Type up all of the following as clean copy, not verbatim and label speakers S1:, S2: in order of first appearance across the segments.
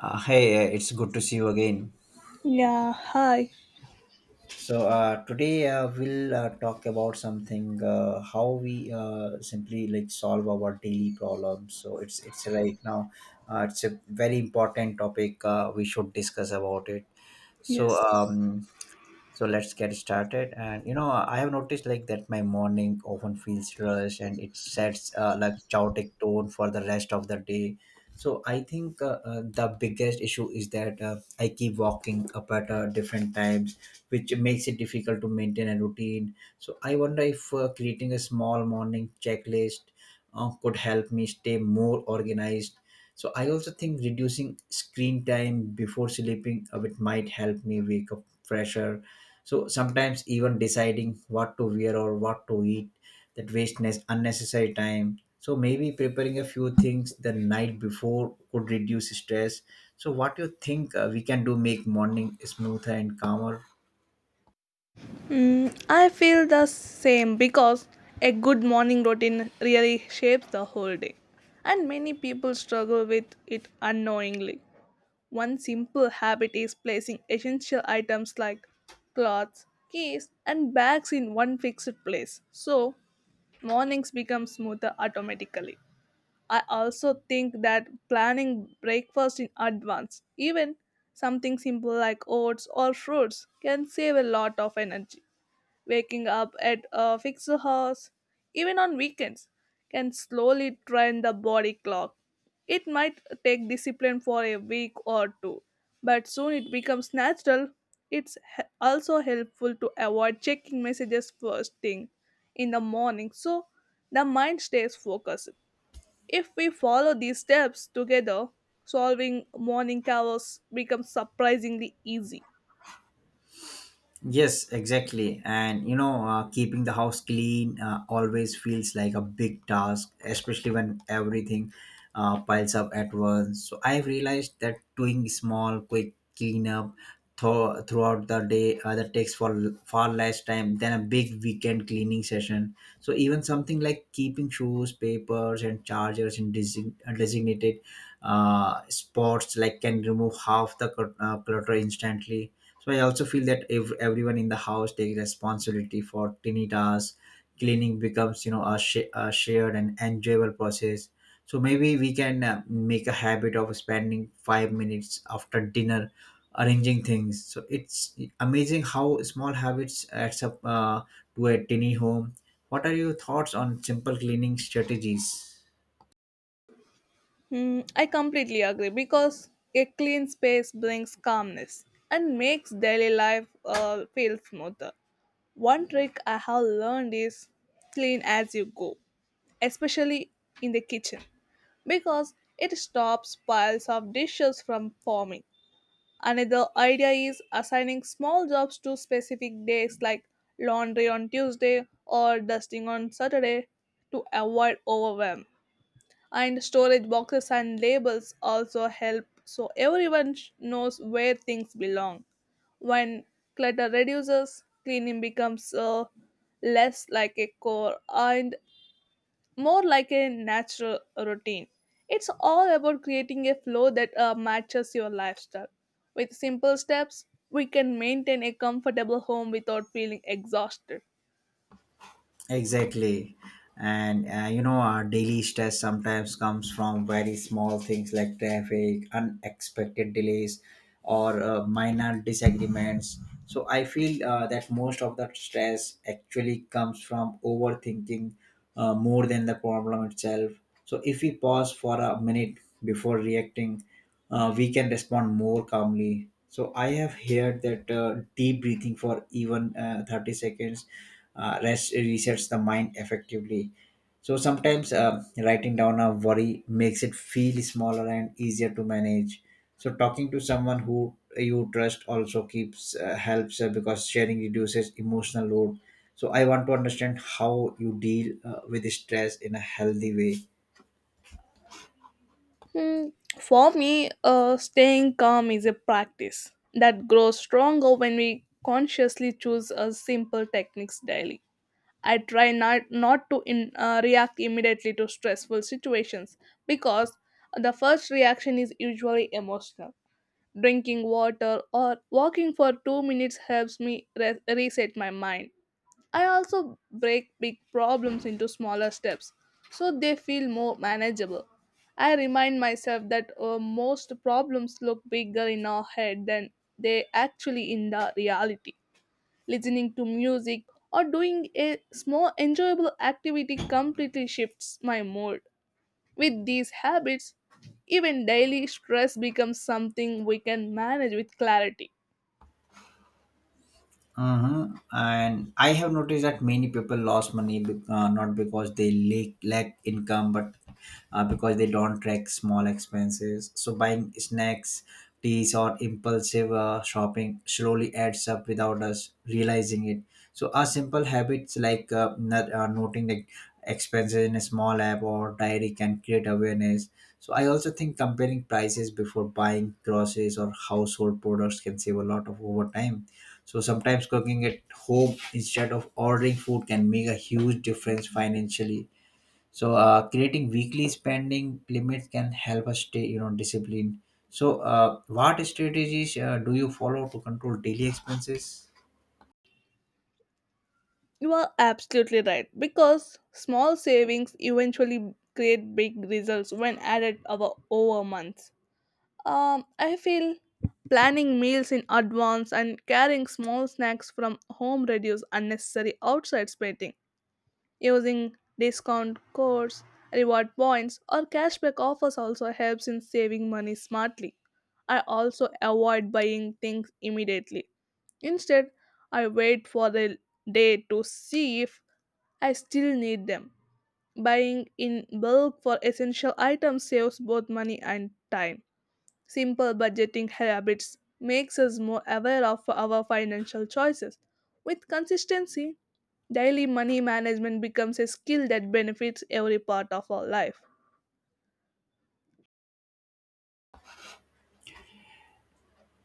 S1: Hey, it's good to see you again.
S2: Yeah, hi.
S1: So today we'll talk about something, how we simply like solve our daily problems. So it's right now it's a very important topic. We should discuss about it. So
S2: Yes.
S1: um, so let's get started. And you know, I have noticed like that my morning often feels rushed and it sets like chaotic tone for the rest of the day. So I think the biggest issue is that I keep walking up at different times, which makes it difficult to maintain a routine. So I wonder if creating a small morning checklist could help me stay more organized. So I also think reducing screen time before sleeping, it might help me wake up fresher. So sometimes even deciding what to wear or what to eat, that wastes unnecessary time. So maybe preparing a few things the night before could reduce stress. So what do you think we can do make morning smoother and calmer?
S2: I feel the same because a good morning routine really shapes the whole day. And many people struggle with it unknowingly. One simple habit is placing essential items like clothes, keys, and bags in one fixed place. So, mornings become smoother automatically. I also think that planning breakfast in advance, even something simple like oats or fruits, can save a lot of energy. Waking up at a fixed hours, even on weekends, can slowly train the body clock. It might take discipline for a week or two, but soon it becomes natural. Also helpful to avoid checking messages first thing in the morning so the mind stays focused. If we follow these steps together, solving morning chaos becomes surprisingly easy.
S1: Yes, exactly. And you know, keeping the house clean always feels like a big task, especially when everything piles up at once. So I've realized that doing small, quick cleanup throughout the day, that takes far less time than a big weekend cleaning session. So even something like keeping shoes, papers, and chargers in designated spots like can remove half the clutter instantly. So I also feel that if everyone in the house takes responsibility for tiny tasks, cleaning becomes, you know, a shared and enjoyable process. So maybe we can make a habit of spending 5 minutes after dinner arranging things. So it's amazing how small habits adds up to a tiny home. What are your thoughts on simple cleaning strategies?
S2: I completely agree because a clean space brings calmness and makes daily life feel smoother. One trick I have learned is clean as you go, especially in the kitchen, because it stops piles of dishes from forming. Another idea is assigning small jobs to specific days like laundry on Tuesday or dusting on Saturday to avoid overwhelm. And storage boxes and labels also help so everyone knows where things belong. When clutter reduces, cleaning becomes less like a chore and more like a natural routine. It's all about creating a flow that matches your lifestyle. With simple steps, we can maintain a comfortable home without feeling exhausted.
S1: Exactly. And you know, our daily stress sometimes comes from very small things like traffic, unexpected delays, or minor disagreements. So I feel that most of the stress actually comes from overthinking more than the problem itself. So if we pause for a minute before reacting, we can respond more calmly. So I have heard that deep breathing for even 30 seconds rest resets the mind effectively. So sometimes writing down a worry makes it feel smaller and easier to manage. So talking to someone who you trust also keeps helps because sharing reduces emotional load. So I want to understand how you deal with stress in a healthy way.
S2: Hmm, For me, staying calm is a practice that grows stronger when we consciously choose a simple techniques daily. I try not to react immediately to stressful situations because the first reaction is usually emotional. Drinking water or walking for 2 minutes helps me reset my mind. I also break big problems into smaller steps so they feel more manageable. I remind myself that most problems look bigger in our head than they actually in the reality. Listening to music or doing a small enjoyable activity completely shifts my mood. With these habits, even daily stress becomes something we can manage with clarity.
S1: Uh-huh. And I have noticed that many people lost money not because they lack income, but because they don't track small expenses. So buying snacks, teas, or impulsive shopping slowly adds up without us realizing it. So our simple habits like not, noting the expenses in a small app or diary can create awareness. So I also think comparing prices before buying groceries or household products can save a lot of over time. So sometimes cooking at home instead of ordering food can make a huge difference financially. So creating weekly spending limits can help us stay, you know, disciplined. So what strategies do you follow to control daily expenses?
S2: You are absolutely right because small savings eventually create big results when added over months. I feel planning meals in advance and carrying small snacks from home reduce unnecessary outside spending. Using discount codes, reward points, or cashback offers also helps in saving money smartly. I also avoid buying things immediately. Instead, I wait for the day to see if I still need them. Buying in bulk for essential items saves both money and time. Simple budgeting habits makes us more aware of our financial choices. With consistency, daily money management becomes a skill that benefits every part of our life.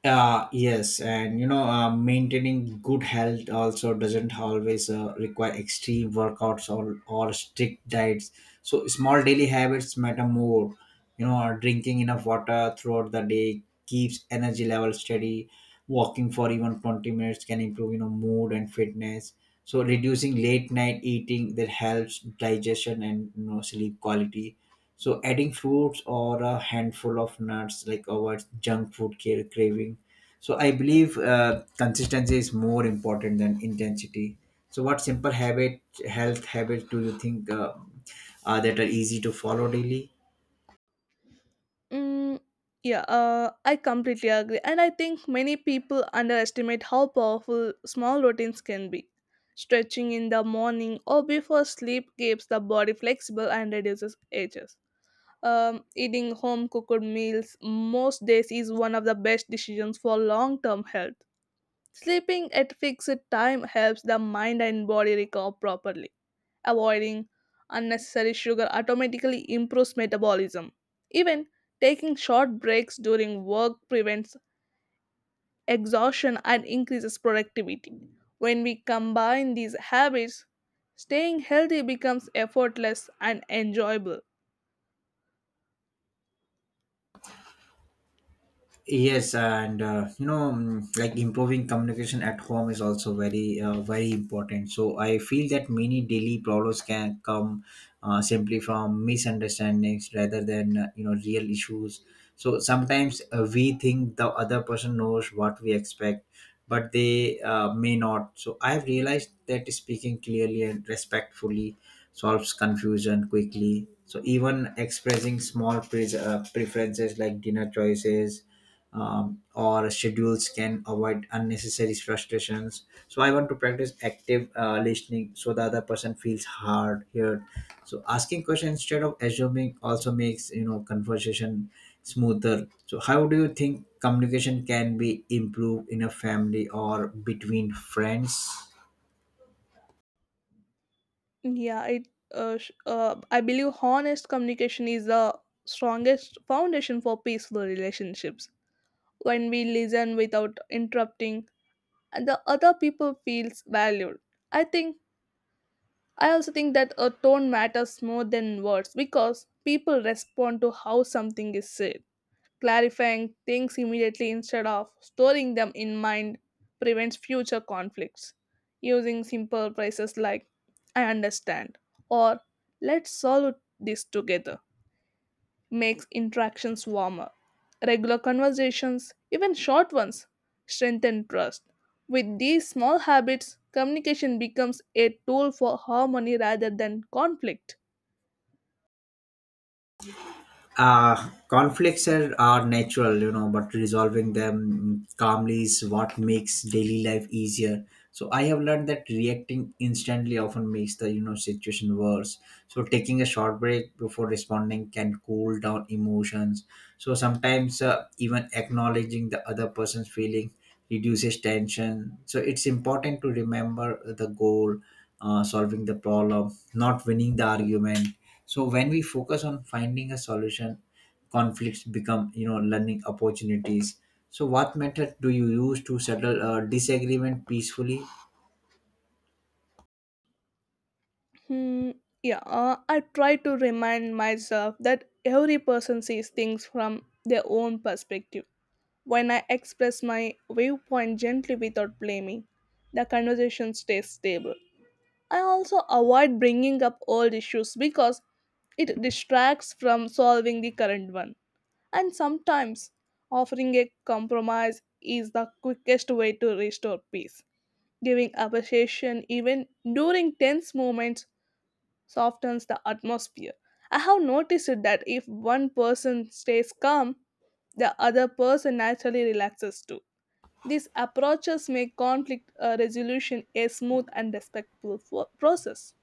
S1: Yes, and you know, maintaining good health also doesn't always require extreme workouts, or strict diets. So small daily habits matter more. You know, drinking enough water throughout the day keeps energy levels steady. Walking for even 20 minutes can improve, you know, mood and fitness. So reducing late night eating, that helps digestion and, you know, sleep quality. So adding fruits or a handful of nuts like avoids junk food care craving. So I believe consistency is more important than intensity. So what health habits do you think that are easy to follow daily?
S2: Mm, yeah, I completely agree. And I think many people underestimate how powerful small routines can be. Stretching in the morning or before sleep keeps the body flexible and reduces ages. Eating home cooked meals most days is one of the best decisions for long term health. Sleeping at fixed time helps the mind and body recover properly. Avoiding unnecessary sugar automatically improves metabolism. Even taking short breaks during work prevents exhaustion and increases productivity. When we combine these habits, staying healthy becomes effortless and enjoyable.
S1: Yes, and you know, like improving communication at home is also very important. So I feel that many daily problems can come simply from misunderstandings rather than, you know, real issues. So sometimes we think the other person knows what we expect, but they may not. So I have realized that speaking clearly and respectfully solves confusion quickly. So even expressing small preferences like dinner choices, or schedules can avoid unnecessary frustrations. So I want to practice active listening so the other person feels hard heard. So asking questions instead of assuming also makes, you know, conversation smoother. So how do you think communication can be improved in a family or between friends?
S2: Yeah, I believe honest communication is the strongest foundation for peaceful relationships. When we listen without interrupting, and the other people feels valued. I think I also think that a tone matters more than words because people respond to how something is said. Clarifying things immediately instead of storing them in mind prevents future conflicts. Using simple phrases like, I understand, or let's solve this together makes interactions warmer. Regular conversations, even short ones, strengthen trust. With these small habits, communication becomes a tool for harmony rather than conflict.
S1: Conflicts are natural, you know, but resolving them calmly is what makes daily life easier. So I have learned that reacting instantly often makes the, you know, situation worse. So taking a short break before responding can cool down emotions. So sometimes even acknowledging the other person's feeling reduces tension. So it's important to remember the goal, solving the problem, not winning the argument. So when we focus on finding a solution, conflicts become, you know, learning opportunities. So what method do you use to settle a disagreement peacefully?
S2: Hmm, yeah, I try to remind myself that every person sees things from their own perspective. When I express my viewpoint gently without blaming, the conversation stays stable. I also avoid bringing up old issues because it distracts from solving the current one. And sometimes offering a compromise is the quickest way to restore peace. Giving appreciation even during tense moments softens the atmosphere. I have noticed that if one person stays calm, the other person naturally relaxes too. These approaches make conflict resolution a smooth and respectful process.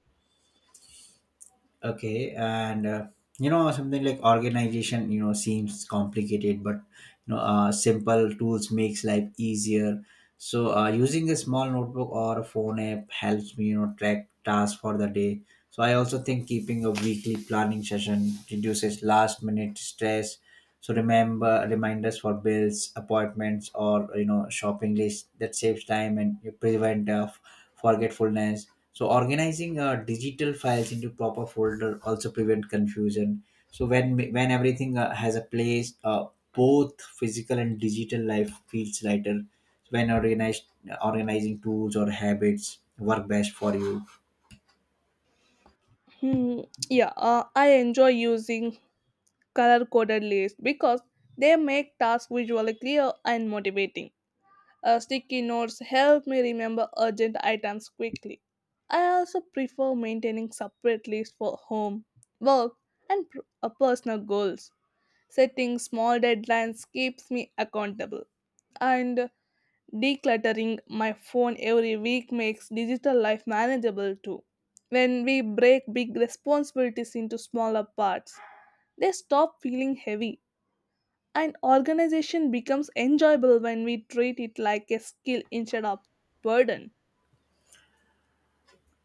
S1: Okay, and you know, something like organization, you know, seems complicated, but, you know, simple tools makes life easier. So using a small notebook or a phone app helps me, you know, track tasks for the day. So I also think keeping a weekly planning session reduces last minute stress. So remember reminders for bills, appointments, or, you know, shopping list, that saves time and you prevent forgetfulness. So organizing digital files into proper folder also prevent confusion. So when everything has a place, both physical and digital life feels lighter. So when organized organizing tools or habits work best for you?
S2: Hmm, yeah, I enjoy using color coded lists because they make tasks visually clear and motivating. Sticky notes help me remember urgent items quickly. I also prefer maintaining separate lists for home, work, and personal goals. Setting small deadlines keeps me accountable. And decluttering my phone every week makes digital life manageable too. When we break big responsibilities into smaller parts, they stop feeling heavy, and organization becomes enjoyable when we treat it like a skill instead of burden.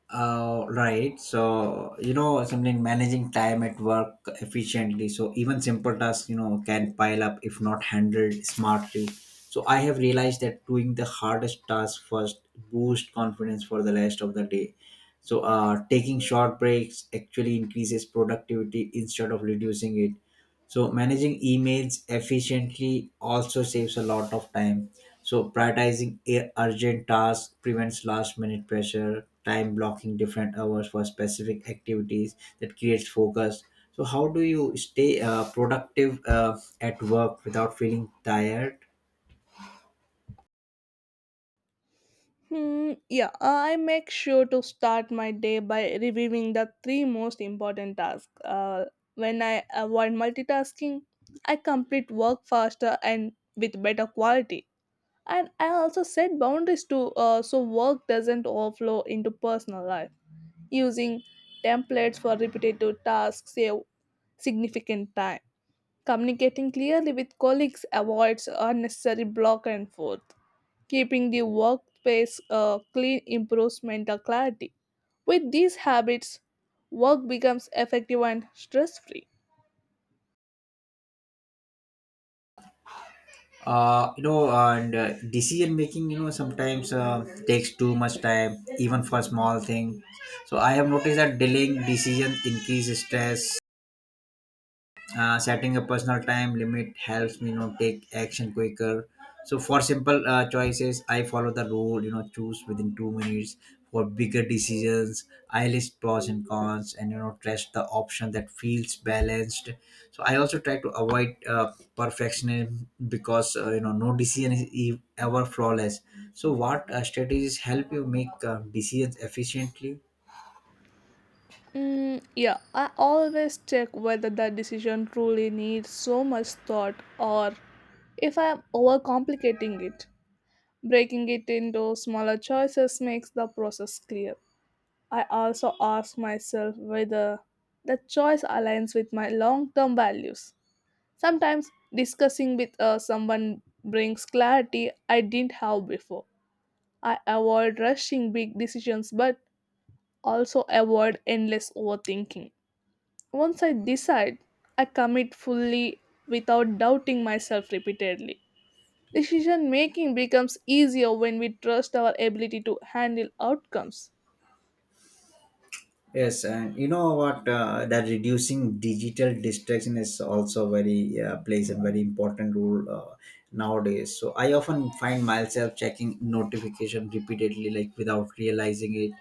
S1: Right. So, you know, something managing time at work efficiently. So even simple tasks, you know, can pile up if not handled smartly. So I have realized that doing the hardest task first boosts confidence for the rest of the day. So, taking short breaks actually increases productivity instead of reducing it. So managing emails efficiently also saves a lot of time. So prioritizing urgent tasks prevents last minute pressure, time blocking different hours for specific activities, that creates focus. So how do you stay productive at work without feeling tired?
S2: Yeah, I make sure to start my day by reviewing the three most important tasks. When I avoid multitasking, I complete work faster and with better quality. And I also set boundaries to, so work doesn't overflow into personal life, using templates for repetitive tasks save significant time, communicating clearly with colleagues avoids unnecessary block and forth, keeping the workspace clean improves mental clarity. With these habits, work becomes effective and stress free.
S1: You know, and decision making, you know, sometimes takes too much time, even for small things. So I have noticed that delaying decisions increases stress. Setting a personal time limit helps me, you know, take action quicker. So for simple choices, I follow the rule, you know, choose within 2 minutes. For bigger decisions, I list pros and cons and, you know, trust the option that feels balanced. So I also try to avoid perfectionism because, you know, no decision is ever flawless. So what strategies help you make decisions efficiently?
S2: Yeah, I always check whether the decision truly needs so much thought or if I am overcomplicating it. Breaking it into smaller choices makes the process clear. I also ask myself whether the choice aligns with my long term values. Sometimes discussing with someone brings clarity I didn't have before. I avoid rushing big decisions but also avoid endless overthinking. Once I decide, I commit fully without doubting myself repeatedly. Decision making becomes easier when we trust our ability to handle outcomes.
S1: Yes, and you know what? That reducing digital distraction is also very plays a very important role nowadays. So I often find myself checking notification repeatedly, like without realizing it.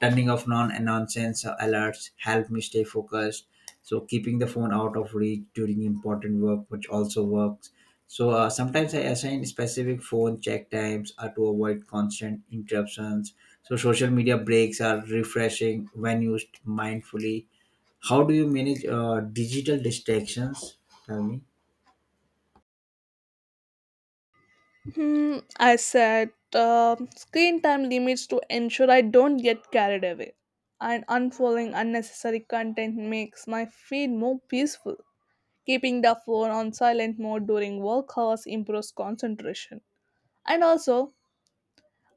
S1: Turning off non-nonsense alerts help me stay focused. So keeping the phone out of reach during important work, which also works. So sometimes I assign specific phone check times to avoid constant interruptions. So social media breaks are refreshing when used mindfully. How do you manage digital distractions? Tell me.
S2: I set screen time limits to ensure I don't get carried away. And unfollowing unnecessary content makes my feed more peaceful. Keeping the phone on silent mode during work hours improves concentration. And also,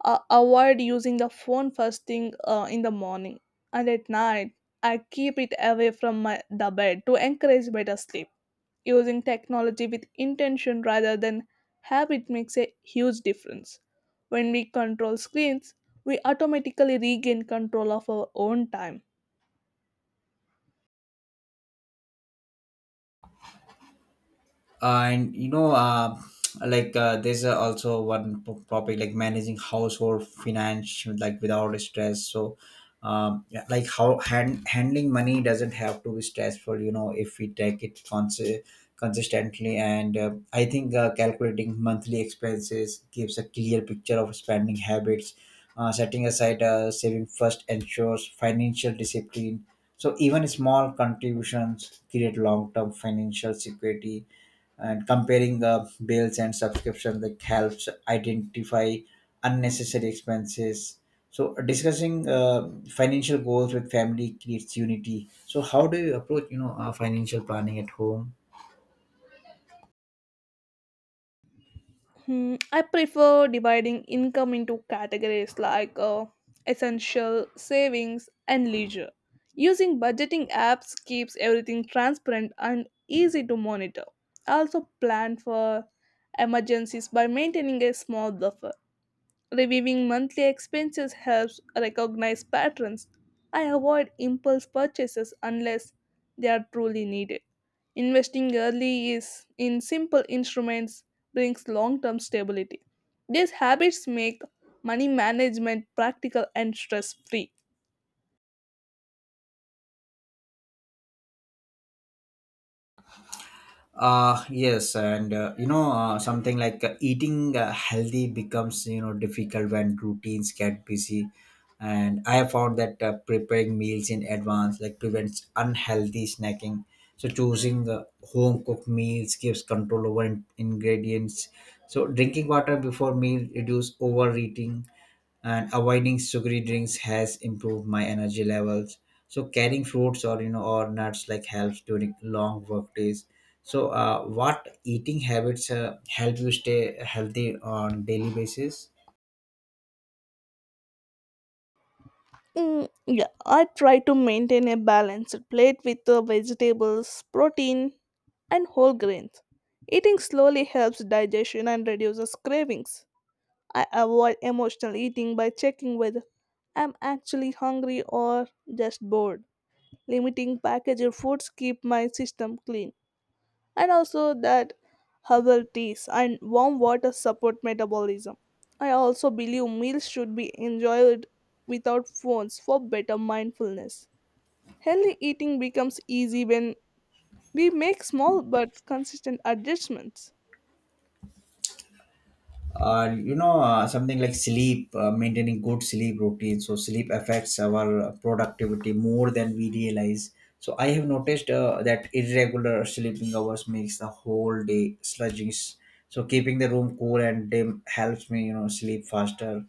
S2: avoid using the phone first thing in the morning and at night. I keep it away from my the bed to encourage better sleep. Using technology with intention rather than habit makes a huge difference. When we control screens, we automatically regain control of our own time.
S1: And you know, there's also one topic like managing household finance like without stress. So yeah, like how handling money doesn't have to be stressful, you know, if we take it consistently. And I think calculating monthly expenses gives a clear picture of spending habits. Setting aside saving first ensures financial discipline. So even small contributions create long-term financial security. And comparing the bills and subscription, that helps identify unnecessary expenses. So discussing financial goals with family creates unity. So how do you approach, you know, financial planning at home?
S2: I prefer dividing income into categories like essential, savings, and leisure. Using budgeting apps keeps everything transparent and easy to monitor. I also plan for emergencies by maintaining a small buffer. Reviewing monthly expenses helps recognize patterns. I avoid impulse purchases unless they are truly needed. Investing early is in simple instruments brings long-term stability. These habits make money management practical and stress-free.
S1: Yes, and you know, something like eating healthy becomes, you know, difficult when routines get busy. And I have found that preparing meals in advance like prevents unhealthy snacking. So choosing home cooked meals gives control over ingredients. So drinking water before meal reduce overeating, and avoiding sugary drinks has improved my energy levels. So carrying fruits or, you know, or nuts like helps during long work days. So what eating habits help you stay healthy on daily basis?
S2: Yeah, I try to maintain a balanced plate with the vegetables, protein, and whole grains. Eating slowly helps digestion and reduces cravings. I avoid emotional eating by checking whether I'm actually hungry or just bored. Limiting packaged foods keep my system clean. And also that herbal teas and warm water support metabolism. I also believe meals should be enjoyed without phones for better mindfulness. Healthy eating becomes easy when we make small but consistent adjustments.
S1: You know, something like sleep, maintaining good sleep routine. So sleep affects our productivity more than we realize. So I have noticed that irregular sleeping hours makes the whole day sluggish. So keeping the room cool and dim helps me sleep faster.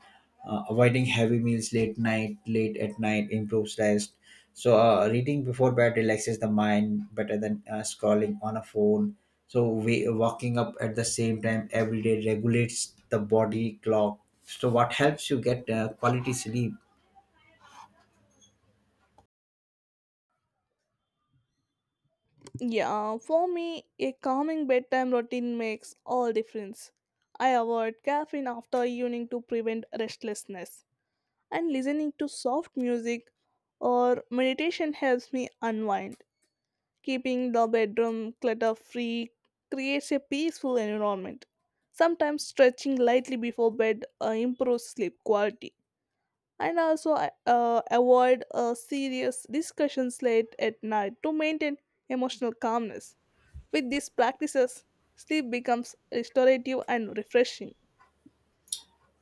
S1: Avoiding heavy meals late at night improves rest. Reading before bed relaxes the mind better than scrolling on a phone. So we walking up at the same time every day regulates the body clock. So what helps you get quality sleep?
S2: Yeah, for me, a calming bedtime routine makes all difference. I avoid caffeine after evening to prevent restlessness, and listening to soft music or meditation helps me unwind. Keeping the bedroom clutter free creates a peaceful environment. Sometimes stretching lightly before bed improves sleep quality. And also, I, avoid serious discussions late at night to maintain emotional calmness. With these practices, sleep becomes restorative and refreshing.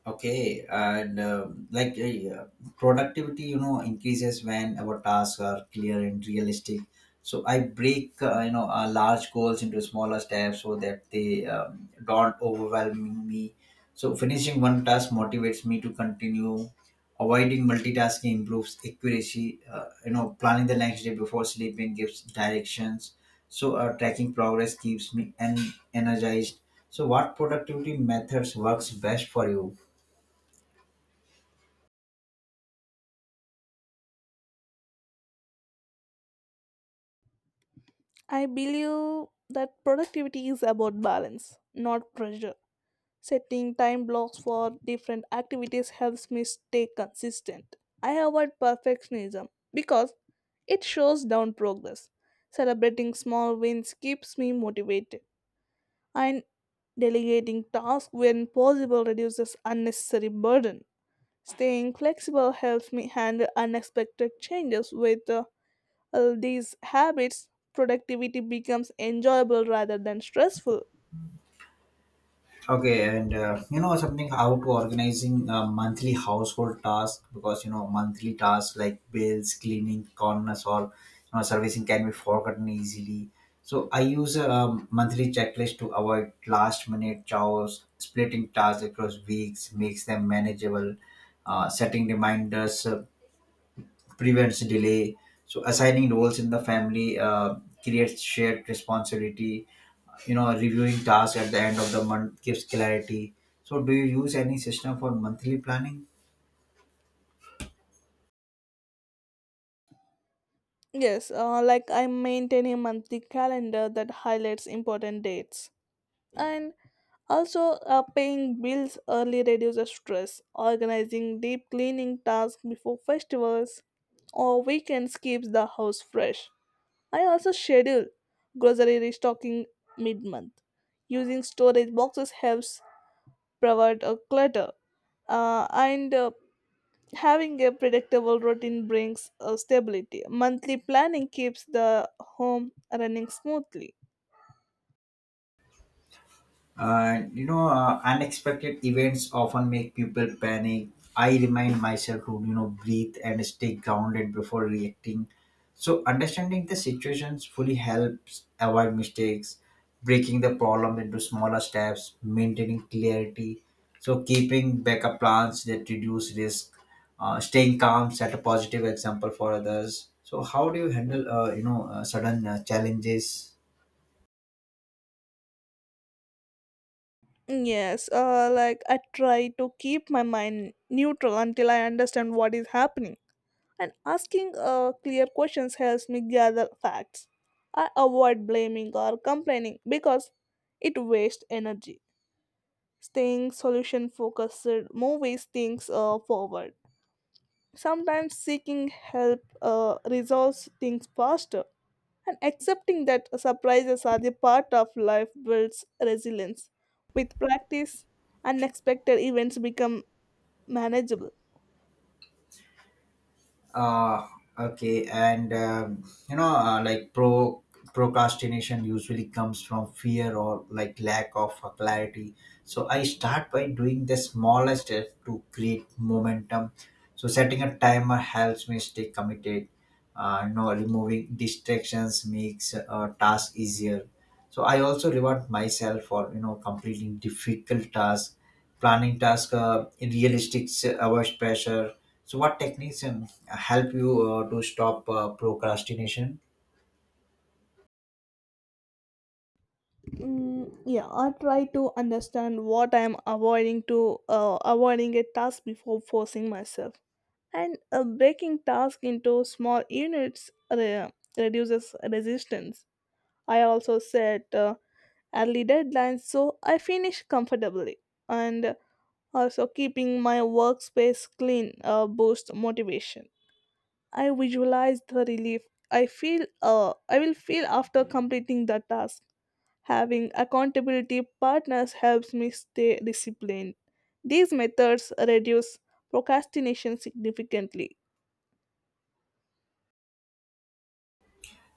S1: Okay, and yeah, productivity, increases when our tasks are clear and realistic. So I break, large goals into smaller steps so that they don't overwhelm me. So finishing one task motivates me to continue. Avoiding multitasking improves accuracy. Planning the next day before sleeping gives directions. So tracking progress keeps me energized. So what productivity methods works best for you?
S2: I believe that productivity is about balance, not pressure. Setting time blocks for different activities helps me stay consistent. I avoid perfectionism because it shows down progress. Celebrating small wins keeps me motivated, and delegating tasks when possible reduces unnecessary burden. Staying flexible helps me handle unexpected changes. With all these habits, productivity becomes enjoyable rather than stressful.
S1: Okay, and something how to organizing monthly household tasks, because monthly tasks like bills, cleaning, corners, or servicing can be forgotten easily. So I use a monthly checklist to avoid last minute chores. Splitting tasks across weeks makes them manageable. Setting reminders prevents delay. So assigning roles in the family creates shared responsibility. Reviewing tasks at the end of the month gives clarity. So do you use any system for monthly planning?
S2: Yes, like I maintain a monthly calendar that highlights important dates. And also, paying bills early reduces stress. Organizing deep cleaning tasks before festivals or weekends keeps the house fresh. I also schedule grocery restocking mid month. Using storage boxes helps provide a clutter. And Having a predictable routine brings stability. Monthly planning keeps the home running smoothly.
S1: And unexpected events often make people panic. I remind myself to, breathe and stay grounded before reacting. So, understanding the situations fully helps avoid mistakes, breaking the problem into smaller steps, maintaining clarity. So, keeping backup plans that reduce risk, staying calm, set a positive example for others. So, how do you handle, sudden challenges?
S2: Yes, like I try to keep my mind neutral until I understand what is happening. And asking clear questions helps me gather facts. I avoid blaming or complaining because it wastes energy. Staying solution focused moves things forward. Sometimes seeking help resolves things faster. And accepting that surprises are the part of life builds resilience. With practice, unexpected events become manageable.
S1: uh okay, and you know uh, like pro procrastination usually comes from fear or like lack of clarity. So I start by doing the smallest step to create momentum. So setting a timer helps me stay committed. Removing distractions makes tasks easier. So I also reward myself for completing difficult tasks. Planning task, in realistic hours pressure. So, what techniques help you to stop procrastination?
S2: Yeah, I try to understand what I am avoiding to avoiding a task before forcing myself. And breaking task into small units reduces resistance. I also set early deadlines so I finish comfortably. And also, keeping my workspace clean boosts motivation. I visualize the relief I will feel after completing the task. Having accountability partners helps me stay disciplined. These methods reduce procrastination significantly.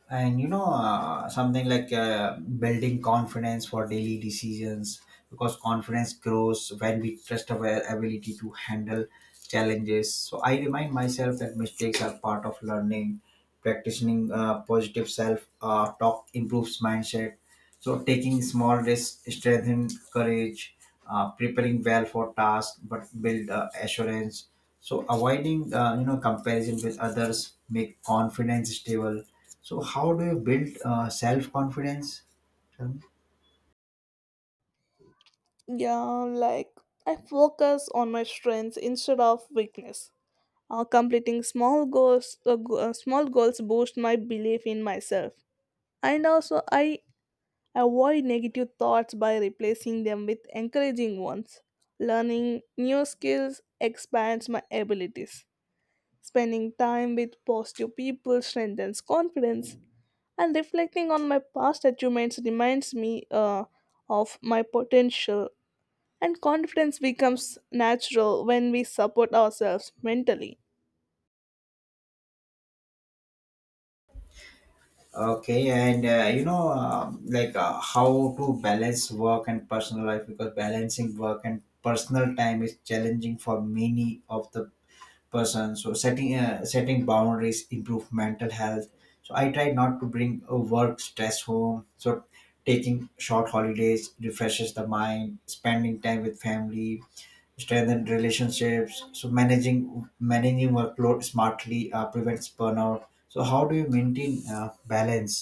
S1: And you know, something like building confidence for daily decisions, because confidence grows when we trust our ability to handle challenges. So, I remind myself that mistakes are part of learning. Practicing positive self talk improves mindset. So taking small risks strengthen courage, preparing well for tasks but build assurance. So avoiding comparison with others make confidence stable. So how do you build self confidence?
S2: Yeah, like I focus on my strengths instead of weakness. Completing small goals, go- small goals boost my belief in myself. And also I avoid negative thoughts by replacing them with encouraging ones. Learning new skills expands my abilities. Spending time with positive people strengthens confidence. And reflecting on my past achievements reminds me of my potential. And confidence becomes natural when we support ourselves mentally.
S1: Okay, and how to balance work and personal life, because balancing work and personal time is challenging for many of the person. So setting setting boundaries improve mental health. So I try not to bring work stress home. So taking short holidays refreshes the mind, spending time with family strengthen relationships. So managing workload smartly prevents burnout. So how do you maintain balance?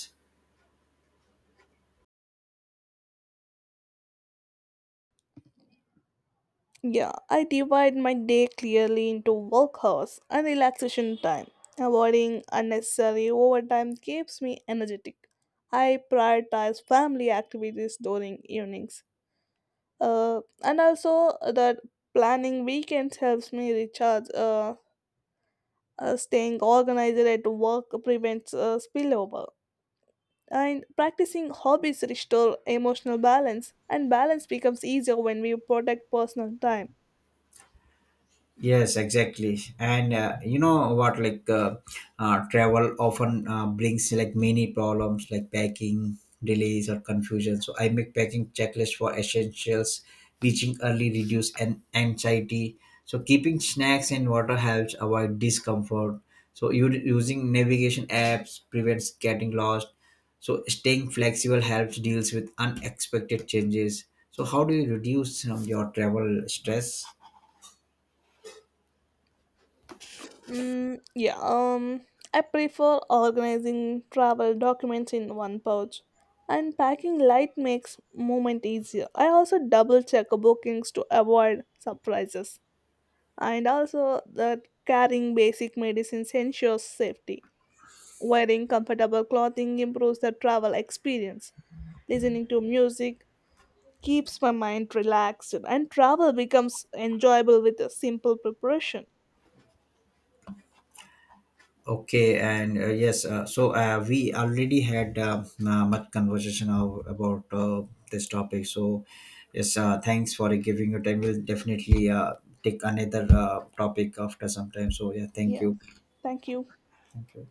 S2: Yeah, I divide my day clearly into work hours and relaxation time. Avoiding unnecessary overtime keeps me energetic. I prioritize family activities during evenings. And also that planning weekends helps me recharge. Staying organized at work prevents spillover. And practicing hobbies restore emotional balance, and balance becomes easier when we protect personal time.
S1: Yes, exactly. And you know what, like travel often brings like many problems like packing, delays, or confusion. So I make packing checklist for essentials, reaching early reduce and anxiety. So keeping snacks and water helps avoid discomfort. So you using navigation apps prevents getting lost. So staying flexible helps deals with unexpected changes. So how do you reduce your travel stress?
S2: Mm, yeah, um, I prefer organizing travel documents in one pouch, and packing light makes movement easier. I also double check bookings to avoid surprises, and also that carrying basic medicines ensures safety. Wearing comfortable clothing improves the travel experience. Listening to music keeps my mind relaxed, and travel becomes enjoyable with a simple preparation.
S1: Okay, and yes, we already had much conversation about this topic. So, yes, thanks for giving your time. We'll definitely take another topic after some time. So, yeah, thank
S2: Yeah,
S1: you.
S2: thank you.
S1: Thank you.